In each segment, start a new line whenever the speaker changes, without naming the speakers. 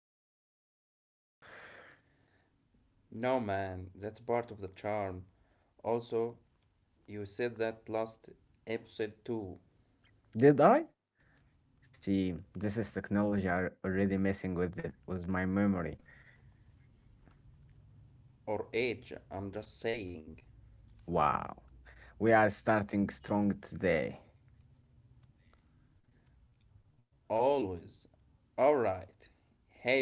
you from 2012.
No, man, that's part of the charm. Also, you said that last episode too,
Did I? See, this is technology are already messing with with my memory.
or age, I'm just saying.
Wow, we are starting strong today.
Always. Alright. Hey everyone,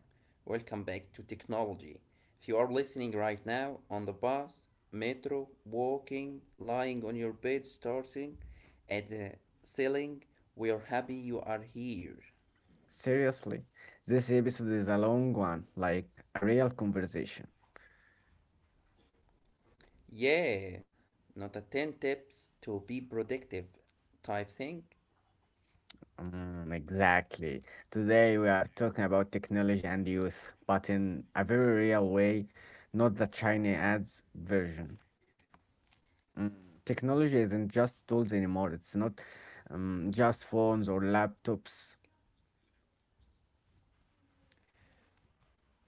welcome back to Technology. If you are listening right now on the bus, metro, walking, lying on your bed, starting at the ceiling, we are happy you are here.
Seriously, this episode is a long one, like a real conversation.
Yeah, not a 10 tips to be productive type thing.
Mm, exactly. Today we are talking about technology and youth, but in a very real way, not the China ads version. Mm, technology isn't just tools anymore. It's not just phones or laptops.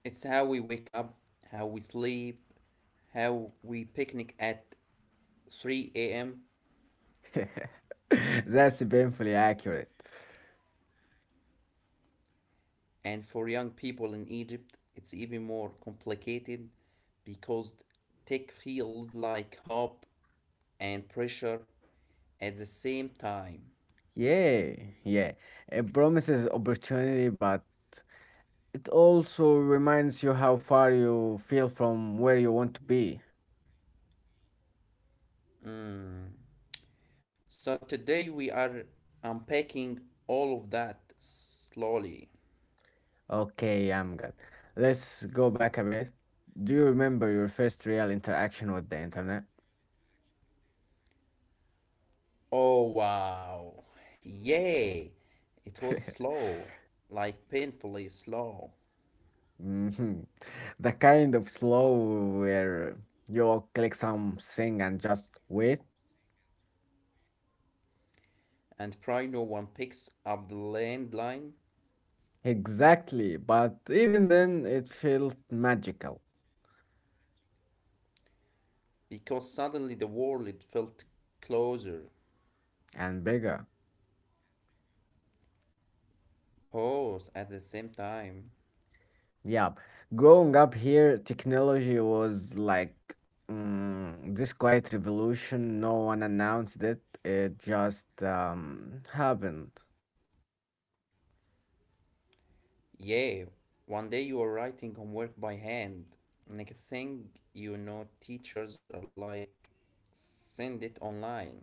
It's how we wake up, how we sleep, how we picnic at 3 a.m.
That's painfully accurate.
And for young people in Egypt, it's even more complicated because tech feels like hope and pressure at the same time.
Yeah, yeah. It promises opportunity, but it also reminds you how far you feel from where you want to be.
So today we are unpacking all of that slowly.
Okay, I'm good. Let's go back a bit. Do you remember your first real interaction with the internet?
Oh wow. Yay. It was slow, like painfully slow.
Hmm. The kind of slow where you click something and just wait.
And probably no one picks up the landline
Exactly, but even then it felt magical
because suddenly the world felt closer.
and bigger.
Pause at the same time.
Yeah, growing up here, technology was like this quiet revolution. No one announced it. It just happened.
Yay. One day you are writing homework by hand. Next thing you know, teachers are like, send it online.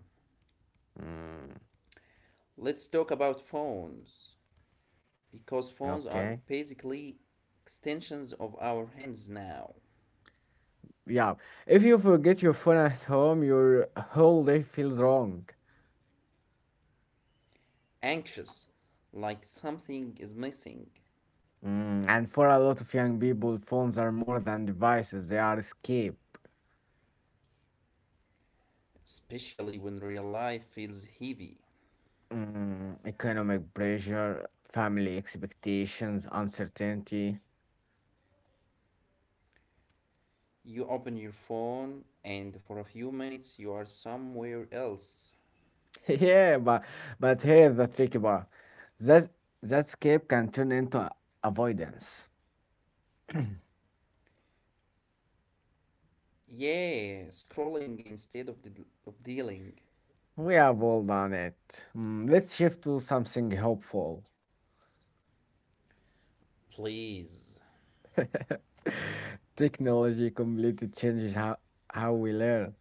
Mm,
Let's talk about phones, because phones are
okay.
basically extensions of our hands now.
Yeah, if you forget your phone at home, your whole day feels wrong.
Anxious, like something is missing,
Mm, and for a lot of young people, phones are more than devices, they are escape.
especially when real life feels heavy.
Mm, economic pressure, family expectations, uncertainty.
You open your phone, and for a few minutes, you are somewhere else.
Yeah, but here's the tricky part. That that escape can turn into avoidance.
Yeah, scrolling instead of, dealing.
We have all done it. Mm, let's shift to something hopeful.
Please.
Technology completely changes how we learn.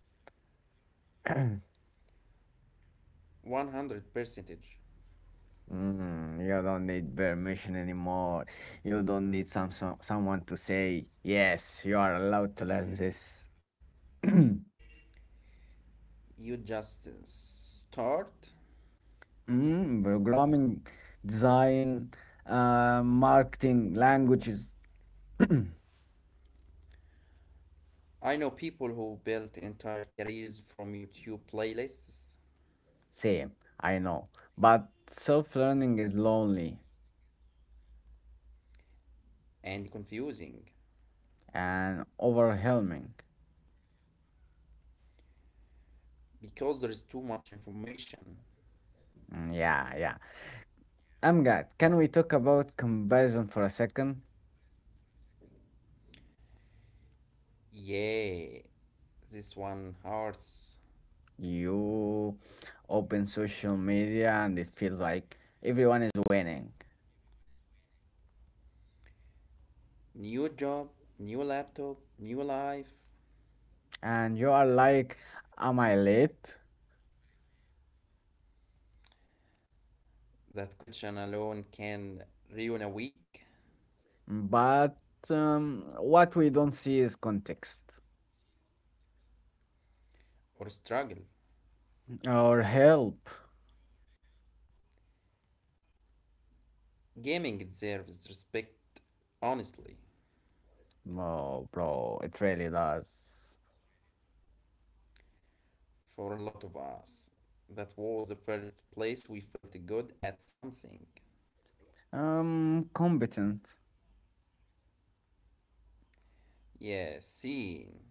100 percentage.
Mm, you don't need permission anymore. You don't need someone to say, yes, you are allowed to learn this.
You just start.
Mm, programming, design, marketing, languages,
I know people who built entire careers from YouTube playlists.
same, I know. But self-learning is lonely
And confusing,
and overwhelming.
because there is too much information.
Mm, yeah, yeah. Amgad, can we talk about comparison for a second?
Yeah, this one hurts.
You open social media and it feels like everyone is winning.
New job, new laptop, new life.
And you are like, am I late?
That question alone can ruin a week
But what we don't see is context
or struggle.
or help.
Gaming deserves respect, honestly,
Oh, bro, it really does.
for a lot of us. That was the first place we felt good at something.
Competent.
Yeah, seeing.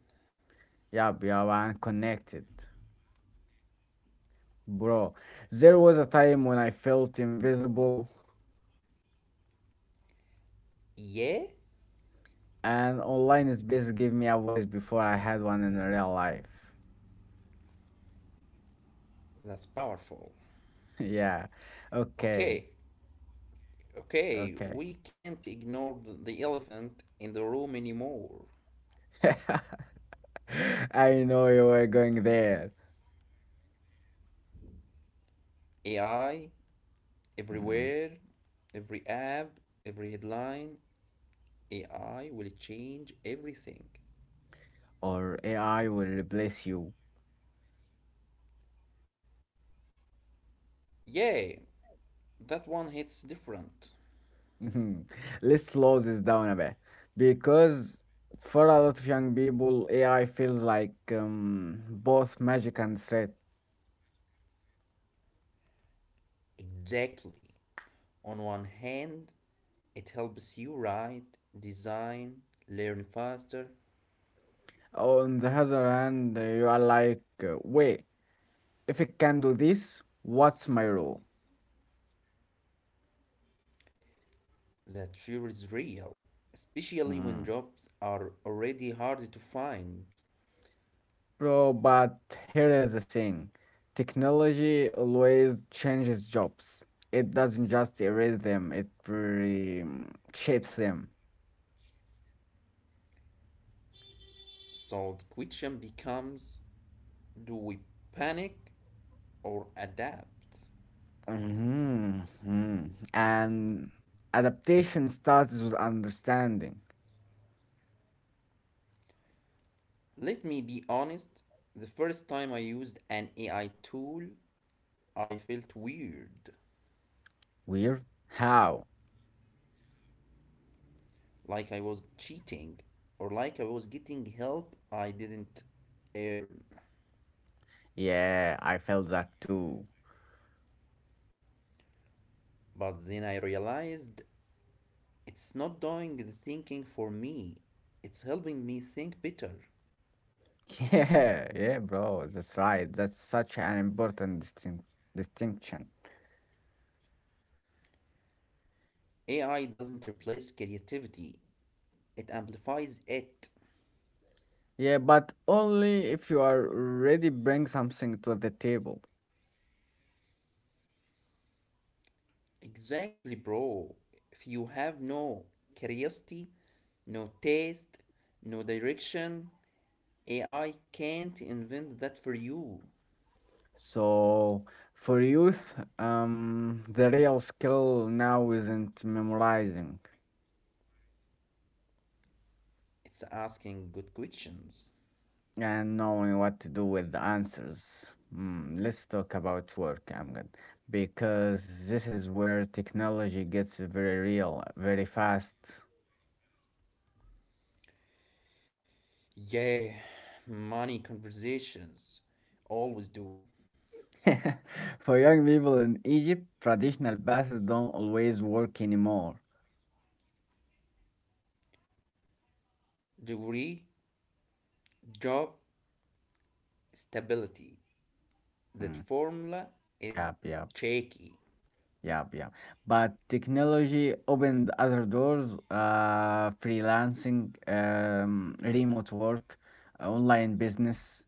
Yeah, yeah, and connected. Bro, there was a time when I felt invisible,
Yeah,
and online space gave me a voice before I had one in real life.
that's powerful.
Yeah. Okay.
Okay, okay,
Okay.
we can't ignore the elephant in the room anymore.
I know you were going there.
AI
Mm.
everywhere, every app, every headline, AI will change everything.
Or AI will replace you.
Yeah, that one hits different.
Mhm. Let's slow this down a bit. Because for a lot of young people, AI feels like both magic and threat.
Exactly. On one hand, it helps you write, design, learn faster.
On the other hand, you are like, wait, if it can do this, what's my role?
That sure is real, especially when
Mm-hmm.
jobs are already hard to find.
Bro, but here is the thing. Technology always changes jobs. It doesn't just erase them, it shapes them.
So the question becomes, do we panic or adapt?
Mhm, mhm. And adaptation starts with understanding.
Let me be honest, the first time I used an AI tool, I felt weird,
Weird? How?
like I was cheating or like I was getting help I didn't earn.
Yeah, I felt that too.
But then I realized it's not doing the thinking for me, it's helping me think better.
Yeah, yeah, bro, that's right. That's such an important distinction.
AI doesn't replace creativity, it amplifies it.
Yeah, but only if you are ready bring something to the table.
Exactly, bro. If you have no curiosity, no taste, no direction, AI can't invent that for you.
So for youth, the real skill now isn't memorizing
It's asking good questions.
and knowing what to do with the answers. Mm, let's talk about work, Amgad, because this is where technology gets very real, very fast.
Yeah, money conversations always do.
For young people in Egypt, traditional paths don't always work anymore.
Degree, job, stability. That
Mm,
formula is
yep, yep.
shaky.
Yeah, yeah. But technology opened other doors, freelancing, remote work, online business.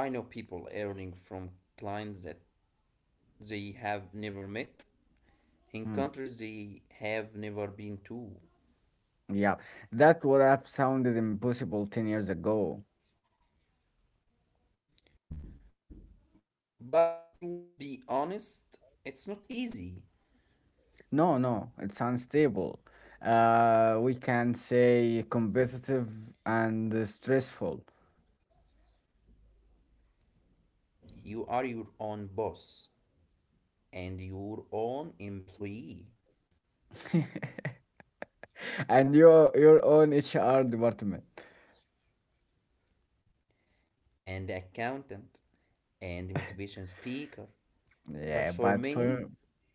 I know people earning from clients that they have never met in
Hmm.
countries they have never been to.
Yeah, that would have sounded impossible 10 years ago.
But let's be honest, it's not easy.
No, no, it's unstable. We can say competitive and stressful.
You are your own boss and your own employee
And your own HR department.
and accountant and motivation speaker. But
Yeah,
for
but
many,
for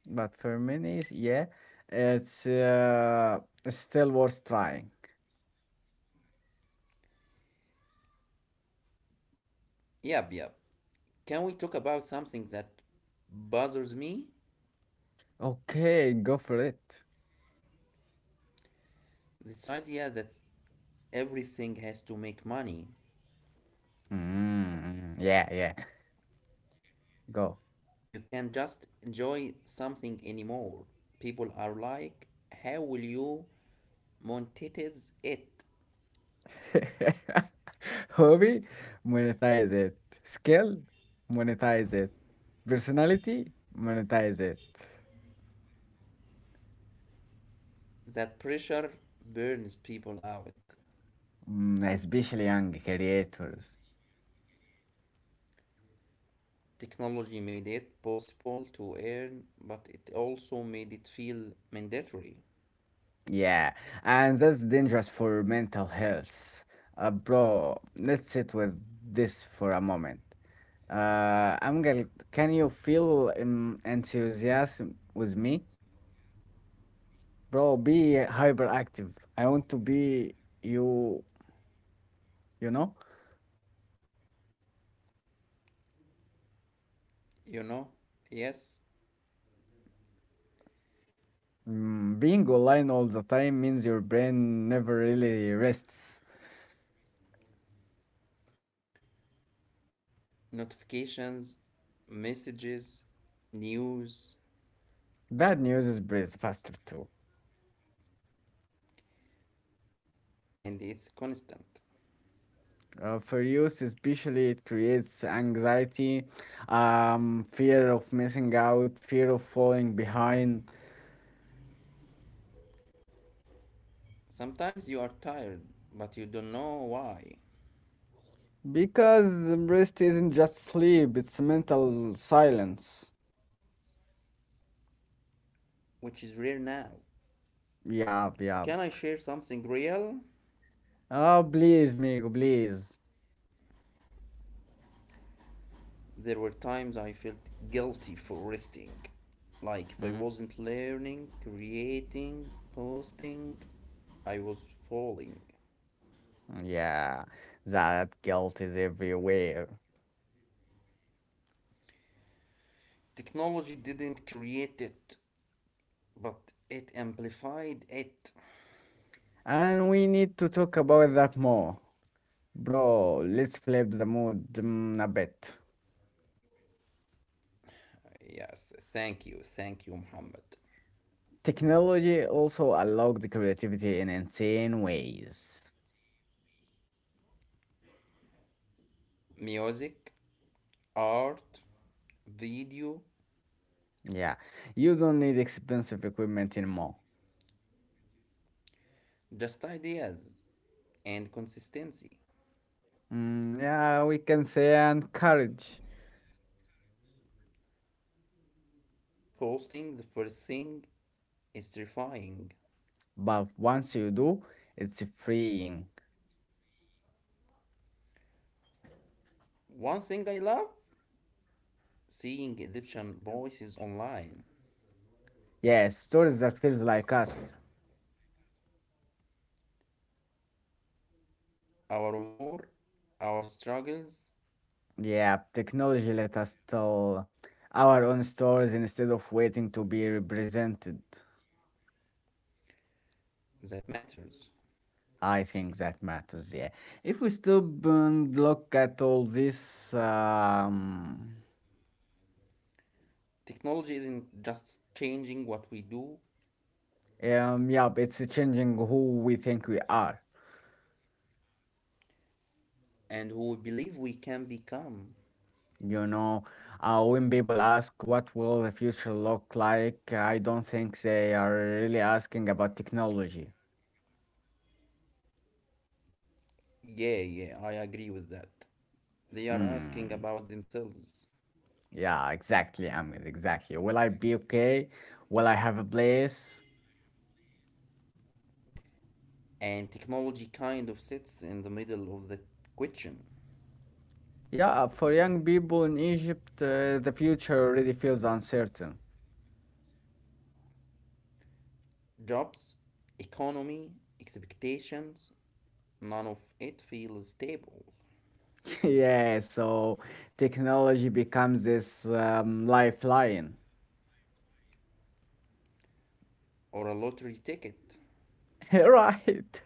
yeah, it's still worth trying.
yep, yep. Can we talk about something that bothers me?
Okay, go for it.
This idea that everything has to make money.
Mm, yeah, yeah, go.
You can't just enjoy something anymore. People are like, how will you monetize it?
Hobby, monetize it. Skill, monetize it. Personality, monetize it.
That pressure burns people out.
Mm, especially young creators.
Technology made it possible to earn, but it also made it feel mandatory.
Yeah, and that's dangerous for mental health. Bro, let's sit with this for a moment. Angel, can you feel enthusiasm with me? Bro, be hyperactive. I want to be you, you know?
You know? Yes,
Mm, being online all the time means your brain never really rests.
notifications, messages, news,
Bad news is breathes faster too.
and it's constant.
For youth, especially, it creates anxiety, fear of missing out, fear of falling behind.
Sometimes you are tired, but you don't know why,
Because rest isn't just sleep, it's mental silence.
which is rare now.
Yeah, yeah.
Can I share something real?
Oh, please, Migo, please.
There were times I felt guilty for resting. Like if I
Mm,
wasn't learning, creating, posting, I was falling.
yeah, that guilt is everywhere.
Technology didn't create it, but it amplified it.
And we need to talk about that more. Bro, let's flip the mood a bit.
Yes, thank you, Muhammad.
Technology also allowed the creativity in insane ways.
Music, art, video,
Yeah, you don't need expensive equipment anymore.
just ideas and consistency.
Mm, yeah, we can say and courage.
Posting the first thing is terrifying.
But once you do, it's freeing.
One thing I love seeing Egyptian voices online.
Yes, stories that feels like us.
Our more, our struggles,
Yeah, technology let us tell our own stories instead of waiting to be represented.
that matters.
I think that matters, yeah. If we stop and look at all this,
Technology isn't just changing what we do
yeah, it's changing who we think we are.
and who we believe we can become.
You know, when people ask what will the future look like, I don't think they are really asking about technology.
Yeah, yeah, I agree with that. They are asking
Mm.
about themselves.
Yeah, exactly, Ahmed, exactly. Will I be okay? Will I have a place?
And technology kind of sits in the middle of the question.
Yeah, for young people in Egypt, the future already feels uncertain.
Jobs, economy, expectations, none of it feels stable
Yeah, so technology becomes this lifeline.
or a lottery ticket.
Right.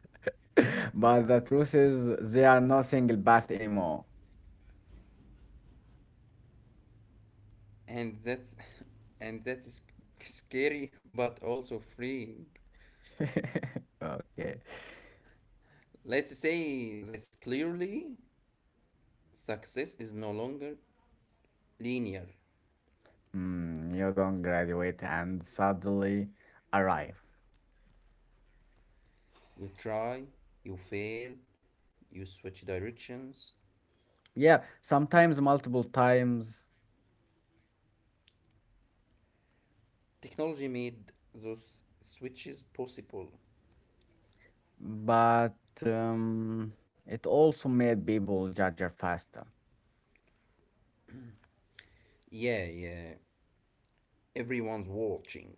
But the truth is, there are no single path anymore.
And that's, and that is scary, but also freeing.
Okay.
Let's say this clearly, success is no longer linear.
Mm, you don't graduate and suddenly arrive.
You try, you fail, you switch directions.
Yeah, sometimes multiple times,
Technology made those switches possible.
but um, it also made people judge her faster.
Yeah, yeah, everyone's watching,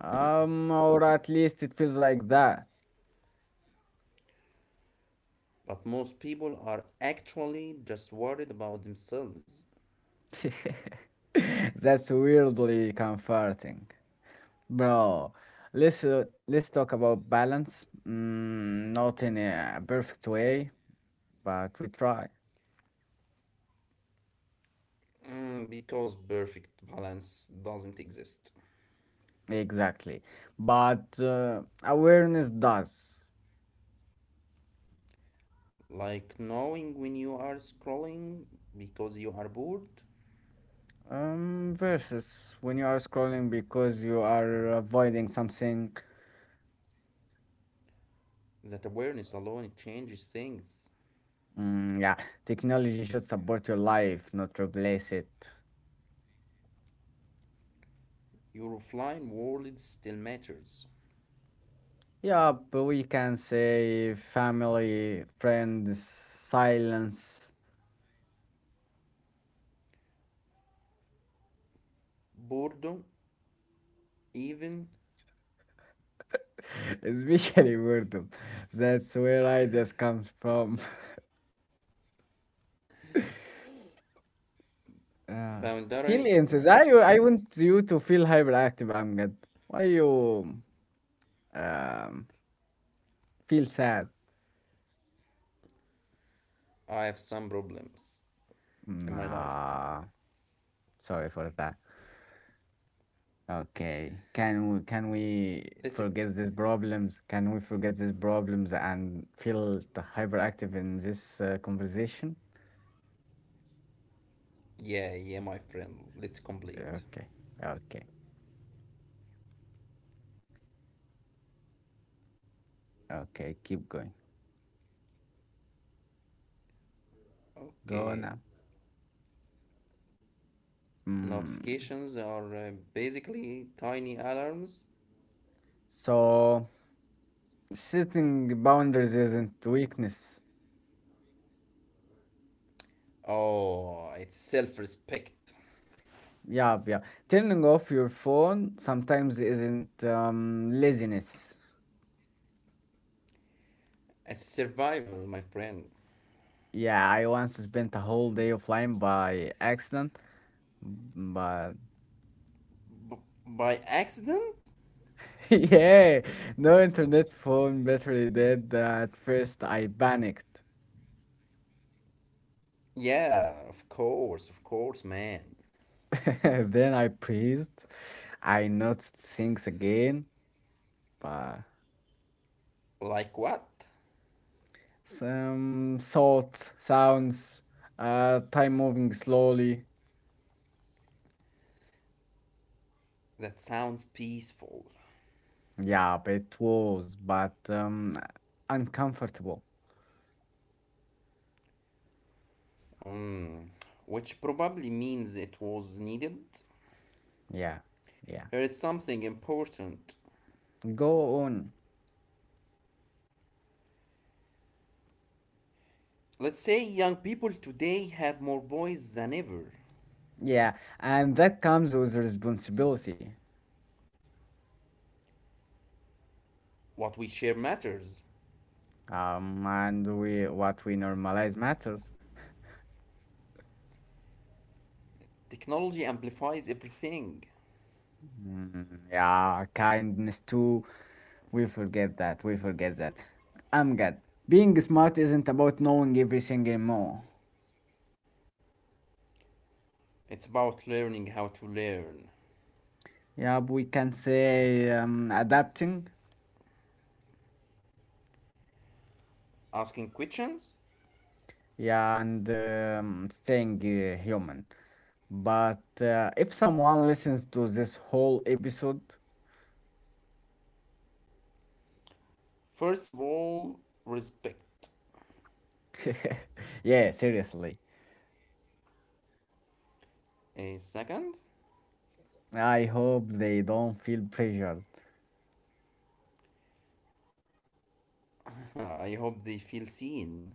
Or at least it feels like that.
but most people are actually just worried about themselves.
That's weirdly comforting. Bro, let's talk about balance. Mm, not in a perfect way, but we try.
Mm, because perfect balance doesn't exist.
Exactly. But awareness does.
Like knowing when you are scrolling because you are bored,
Versus when you are scrolling because you are avoiding something.
that awareness alone changes things.
Mm, yeah, technology should support your life, not replace it.
Your offline world still matters.
Yeah, but we can say family, friends, silence,
Boredom, even
especially boredom. That's where ideas comes from. uh, feel
boundary.
insist. I want you to feel hyperactive, Amgad. Why you um feel sad?
I have some problems in my life.
Nah, sorry for that. Okay. Can we
Let's,
forget these problems? Can we forget these problems and feel the hyperactive in this conversation?
yeah, yeah, my friend. Let's complete.
Okay. Okay. Okay. Keep going. Go on
Okay,
now. Mm.
notifications are basically tiny alarms.
So setting boundaries isn't weakness.
Oh, it's self respect.
Yeah, yeah. Turning off your phone sometimes isn't laziness.
It's survival, my friend.
Yeah, I once spent a whole day offline by accident, but
By accident?
yeah, no internet phone battery dead. At first, I panicked.
Yeah, of course, man.
Then I breathed. I noticed things again, but
Like what?
some thoughts, sounds, time moving slowly.
That sounds peaceful.
Yeah, but uncomfortable.
Mm. Which probably means it was needed.
Yeah, yeah.
Here is something important.
Go on.
Let's say young people today have more voice than ever.
Yeah, and that comes with responsibility.
What we share matters.
And we what we normalize matters.
Technology amplifies everything.
Mm, yeah, kindness too. We forget that. We forget that. I'm good. Being smart isn't about knowing everything anymore.
It's about learning how to learn.
Yeah, we can say adapting.
Asking questions?
Yeah, and staying human. But if someone listens to this whole episode,
First of all, respect.
yeah, seriously,
A second?
I hope they don't feel pressured.
I hope they feel seen.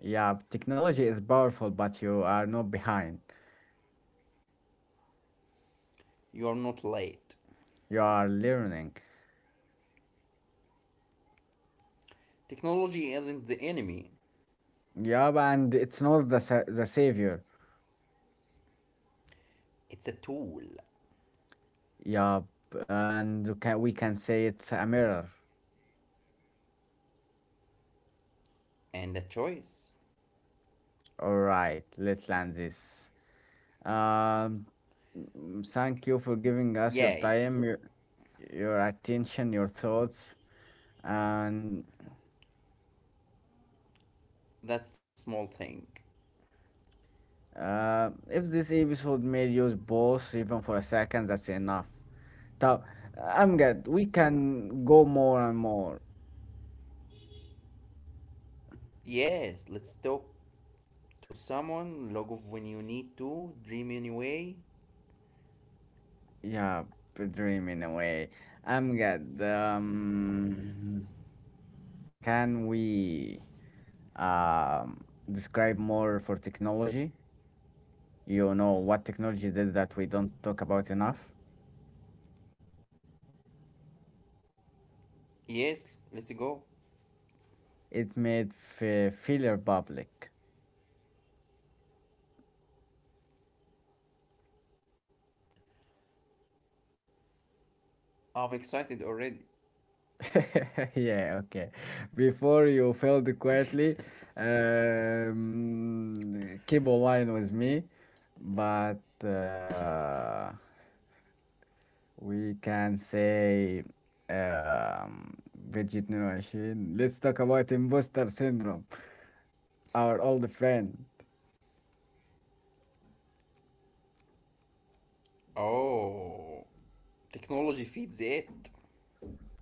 Yeah, technology is powerful, but you are not behind.
You are not late.
You are learning.
Technology isn't the enemy,
Yup, and it's not the the savior.
it's a tool
Yup, and we can say it's a mirror.
and a choice.
All right, let's land this. Um, thank you for giving us your
Yay,
time, your attention, your thoughts, and
that's not a small thing.
if this episode made you pause even for a second, that's enough. So I'm good. We can go more and more.
Yes, let's talk to someone, log off when you need to, dream anyway.
Yeah, dreaming away. I'm good. Can we um, describe more for technology? You know what technology did that we don't talk about enough?
Yes, let's go.
It made failure public.
I'm excited already.
Yeah, okay. Before you failed quietly, keep online with me, but we can say Bridget Nuroashin. Let's talk about imposter syndrome, our old friend.
Oh, technology feeds it.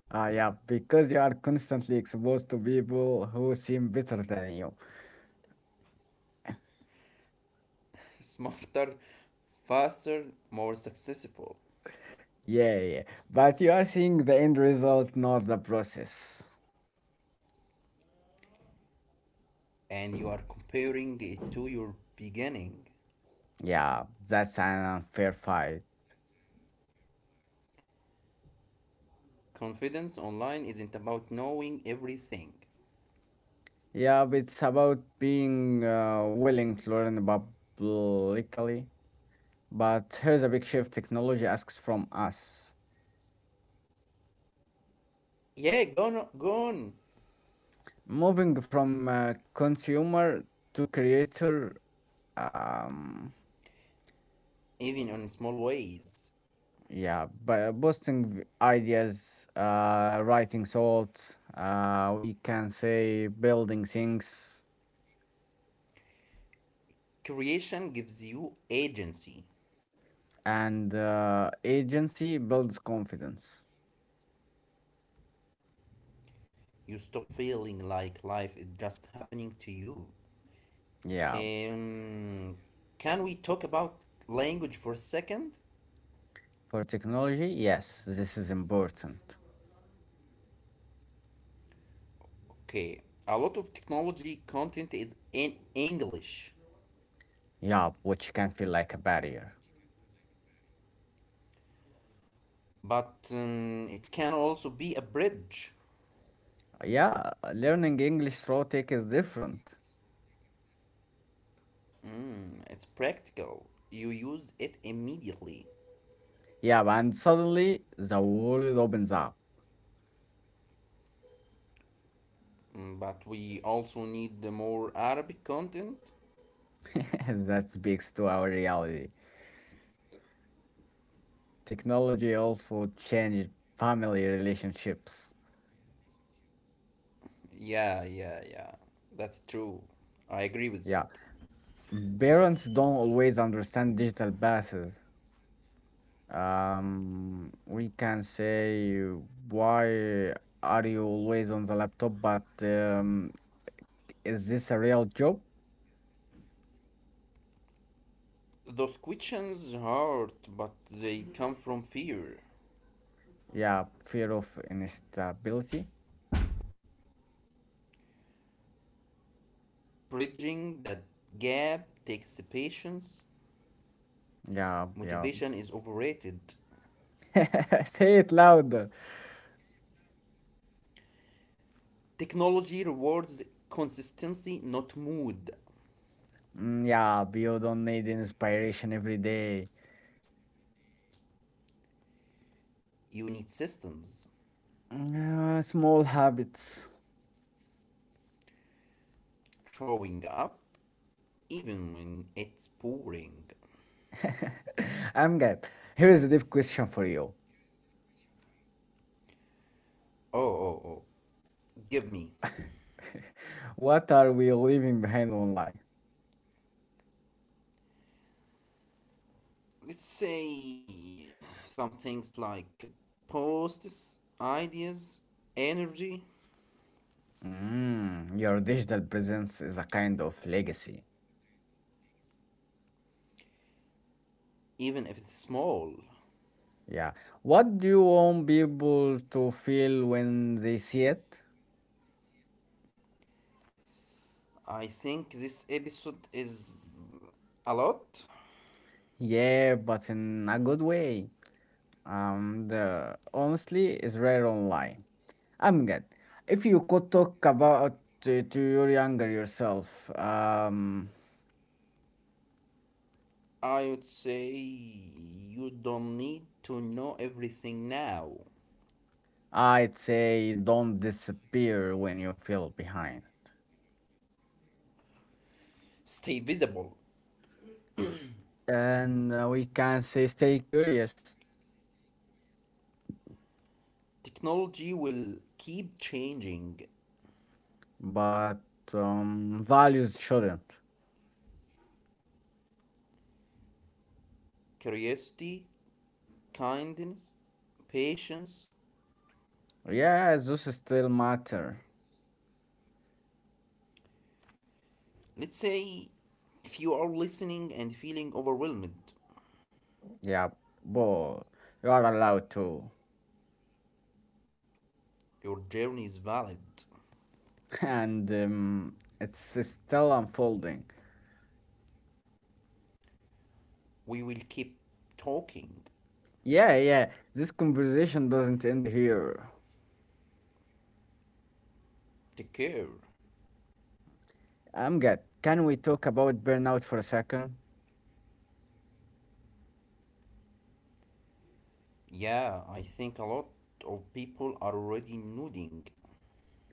Ah, yeah, because you are constantly exposed to people who seem better than you.
Smarter, faster, more successful.
Yeah, yeah. But you are seeing the end result, not the process.
And you are comparing it to your beginning.
Yeah, that's an unfair fight.
Confidence online isn't about knowing everything.
Yeah, but it's about being willing to learn publicly. But here's a big shift technology asks from us.
Yeah, gone, gone,
Moving from consumer to creator, um,
even on small ways.
yeah, but posting ideas, writing thoughts, we can say building things,
Creation gives you agency.
and agency builds confidence.
You stop feeling like life is just happening to you.
Yeah,
Um, can we talk about language for a second?
for technology, yes, this is important.
Okay, a lot of technology content is in English,
Yeah, which can feel like a barrier.
but it can also be a bridge.
Yeah, learning English through tech is different.
It's practical. You use it immediately.
Yeah, and suddenly the world opens up.
Mm, but we also need the more Arabic content.
That speaks to our reality. Technology also changed family relationships.
Yeah, yeah, yeah. That's true. I agree with
Yeah,
that.
parents don't always understand digital paths. We can say, why are you always on the laptop? But is this a real job?
Those questions hurt, but they come from fear.
Yeah, fear of instability.
Bridging that gap takes patience.
Yeah, yeah.
Motivation is overrated.
Say it louder.
Technology rewards consistency, not mood.
Mm, yeah, you don't need inspiration every day.
You need systems,
Mm, small habits.
showing up even when it's pouring.
I'm good. Here is a deep question for you.
Oh, oh, oh. Give me.
What are we leaving behind online?
Let's say some things like posts, ideas, energy,
Mm, your digital presence is a kind of legacy.
even if it's small.
Yeah. What do you want people to feel when they see it?
I think this episode is a lot.
Yeah, but in a good way. The honestly is rare online. I'm good. If you could talk about to your younger yourself,
I would say you don't need to know everything now.
I'd say don't disappear when you feel behind.
Stay visible.
And we can say stay curious.
Technology will keep changing.
But values shouldn't.
Curiosity, kindness, patience.
Yeah, those still matter.
Let's say if you are listening and feeling overwhelmed,
Yeah, but you are allowed to.
your journey is valid.
And it's still unfolding.
We will keep talking.
Yeah, yeah, this conversation doesn't end here.
Take care.
I'm good. Can we talk about burnout for a second?
Yeah, I think a lot of people are already nodding.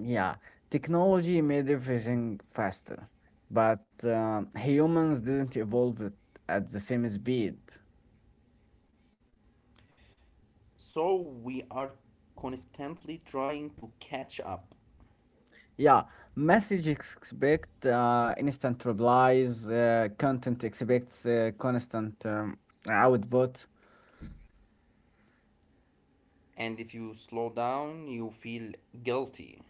Yeah, technology made everything faster, but humans didn't evolve it at the same speed.
So we are constantly trying to catch up.
Yeah, message expect instant replies, content expects constant output.
And if you slow down, you feel guilty.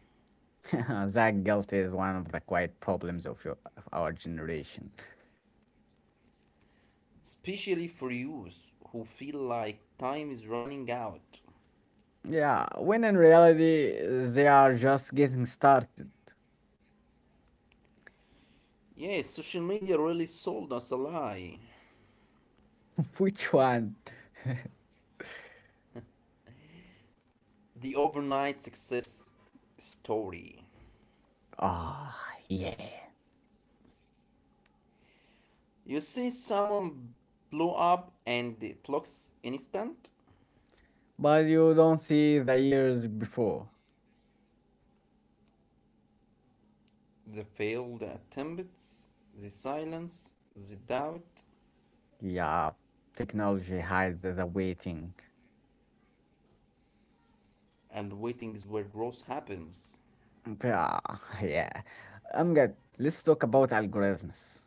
That guilt is one of the quiet problems of, your, of our generation.
Especially for youth who feel like time is running out.
Yeah, when in reality they are just getting started.
Yes, social media really sold us a lie.
Which one?
The overnight success story.
Ah, yeah.
You see someone blow up and it looks instant.
But you don't see the years before.
The failed attempts, the silence, the doubt,
Yeah, technology hides the waiting.
and waiting is where growth happens.
Yeah, yeah. I'm good. Let's talk about algorithms.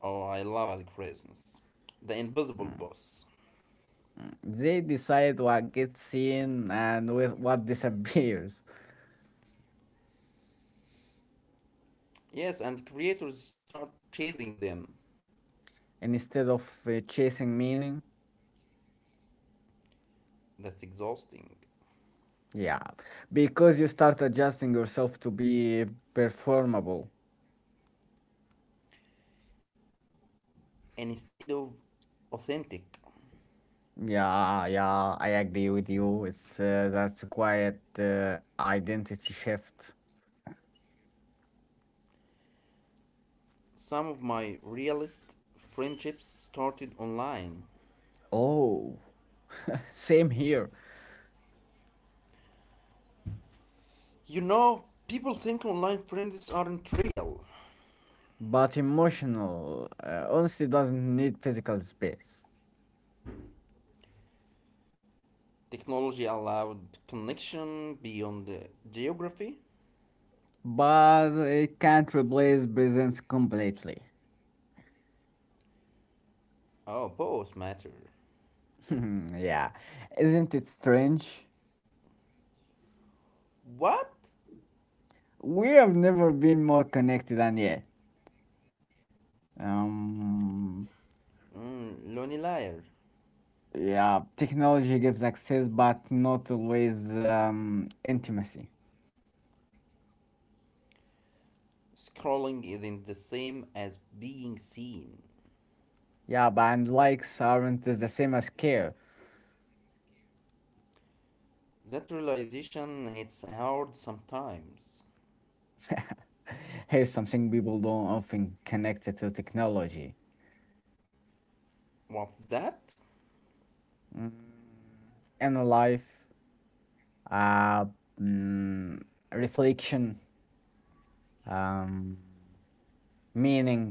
Oh, I love algorithms. The invisible
Mm,
boss.
mm. They decide what gets seen and with what disappears
Yes, and creators start chasing them.
instead of chasing meaning.
That's exhausting.
Yeah, because you start adjusting yourself to be performable.
Instead of authentic,
Yeah, yeah, I agree with you. It's that's a quiet identity shift.
some of my realist friendships started online.
Oh, same here.
You know, people think online friends aren't real.
But emotional honestly doesn't need physical space.
Technology allowed connection beyond the geography?
But it can't replace presence completely.
Oh, both matter.
yeah, isn't it strange?
What?
We have never been more connected than yet. Um,
Mm, lonely liar.
yeah, technology gives access, but not always intimacy.
Scrolling isn't the same as being seen.
Yeah, but and likes aren't the same as care.
That realization hits hard sometimes.
Here's something people don't often connect it to technology.
What's that?
Mm, inner life, uh, mm, reflection, um, meaning.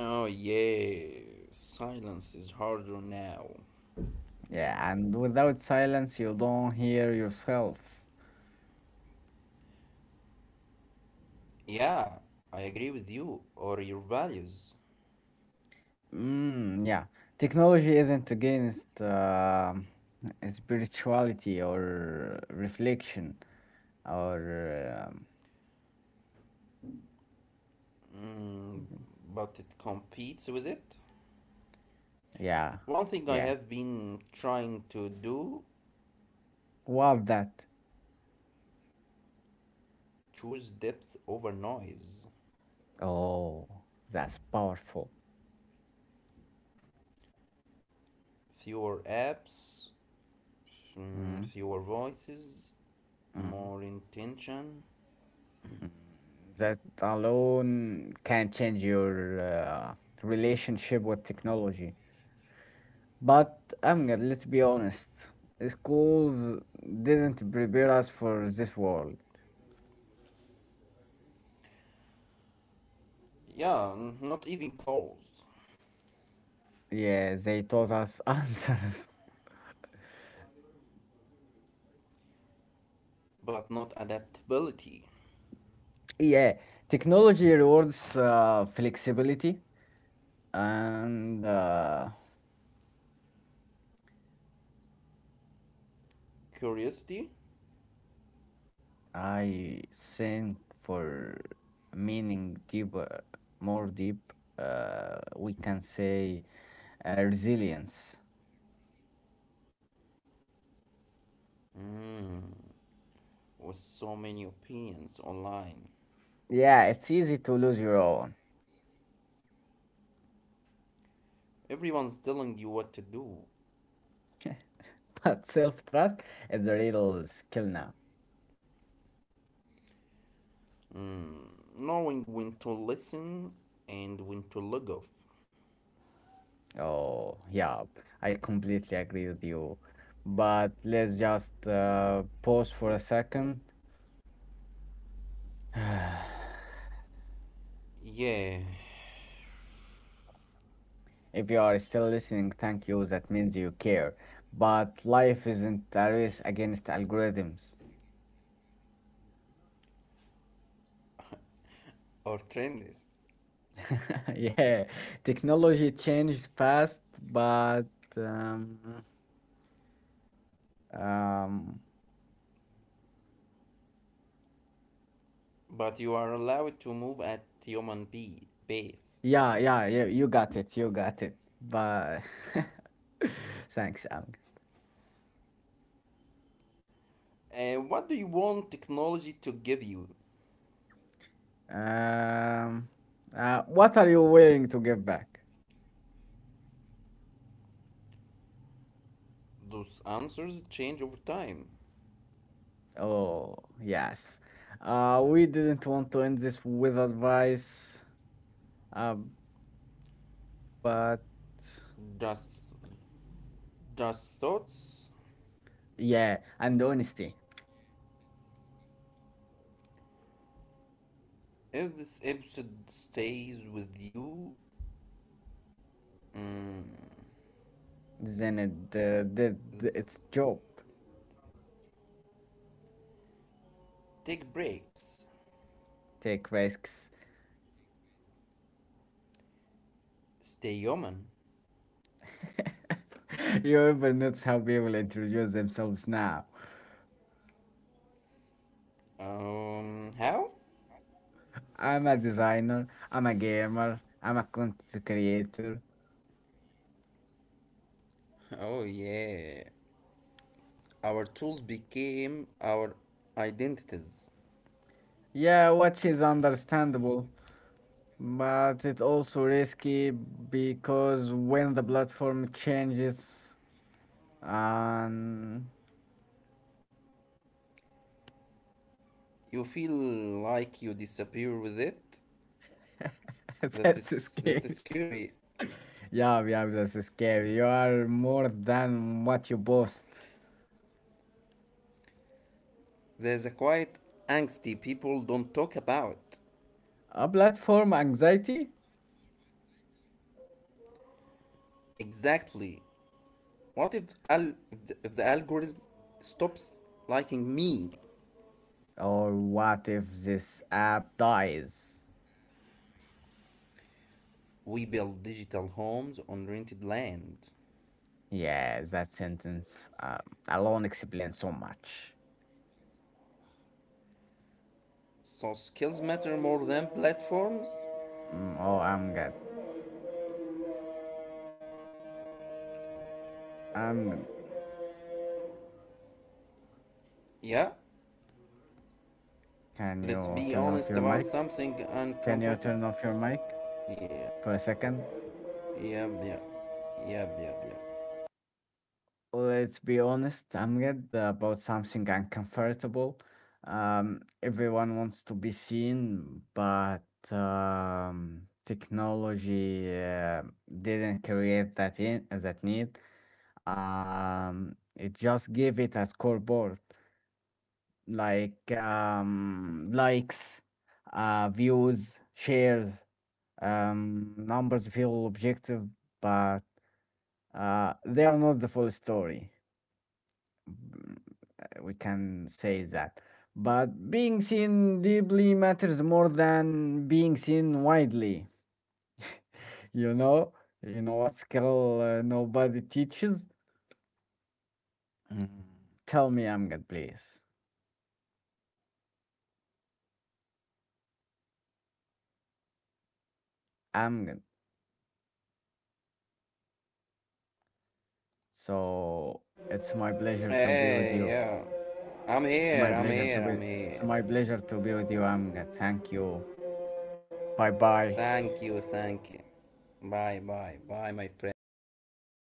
Oh, yeah. Silence is harder now.
Yeah, and without silence, you don't hear yourself.
Yeah, I agree with you or your values,
Mm, yeah, technology isn't against spirituality or reflection or
but it competes with it.
yeah,
One thing I
yeah.
have been trying to do,
What that?
choose depth over noise.
Oh, that's powerful.
Fewer apps,
Mm,
mm, fewer voices,
mm,
more intention.
mm. That alone can change your relationship with technology. But Amgad, let's be honest, schools didn't prepare us for this world.
Yeah, not even close,
Yeah, they taught us answers.
but not adaptability.
Yeah, technology rewards flexibility, and
Curiosity
I think for meaning deeper, more deep, we can say resilience.
with so many opinions online.
Yeah, it's easy to lose your own,
Everyone's telling you what to do,
but self-trust is the real skill now.
knowing when to listen and when to log off.
Oh, yeah, I completely agree with you. But let's just pause for a second.
Yeah,
If you are still listening, thank you. That means you care. But life isn't a race against algorithms.
or trendies.
Yeah, technology changes fast, but um, um,
But you are allowed to move at pace.
yeah, yeah, yeah, you got it, you got it. But thanks, Am.
And what do you want technology to give you?
Um, what are you willing to give back?
Those answers change over time.
Oh, yes. We didn't want to end this with advice, uh, but
Just, just thoughts.
yeah, and honesty.
If this episode stays with you,
Then it did its job.
take breaks.
Take risks.
Stay human.
You ever notice how people introduce themselves now?
How?
I'm a designer, I'm a gamer, I'm a content creator.
Oh yeah. Our tools became our identities.
Yeah, which is understandable. But it's also risky because when the platform changes and
You feel like you disappear with it. That
that's
is
scary.
that's scary.
Yeah, yeah, that's scary. You are more than what you boast.
There's a quiet angsty people don't talk about.
A platform anxiety?
Exactly. What if if the algorithm stops liking me?
Or what if this app dies?
We build digital homes on rented land.
Yes, that sentence alone explains so much.
So skills matter more than platforms?
Mm, oh, I'm good. I'm good.
Yeah.
Can
Let's
you
be
turn off
honest
your
about
mic?
something
Can you turn
uncomfortable.
off your mic
Yeah.
for a second?
Yep, yep. Yep, yep, yep.
Let's be honest, I'm good about something uncomfortable. Everyone wants to be seen, but technology didn't create that in that need. It just gave it a scoreboard, like likes, views, shares. Numbers feel objective, but they are not the full story. We can say that. But being seen deeply matters more than being seen widely. You know, you know what skill nobody teaches? Mm. Tell me, Amgad, please. Amgad. So it's my pleasure to be with you.
Hey, yeah. I'm
It's my
here, I'm
pleasure to
here,
be.
I'm
It's my
here.
pleasure to be with you, Amgad. Thank you. Bye bye.
Thank you, thank you. Bye, bye, bye, my friend Muhammad. Bye,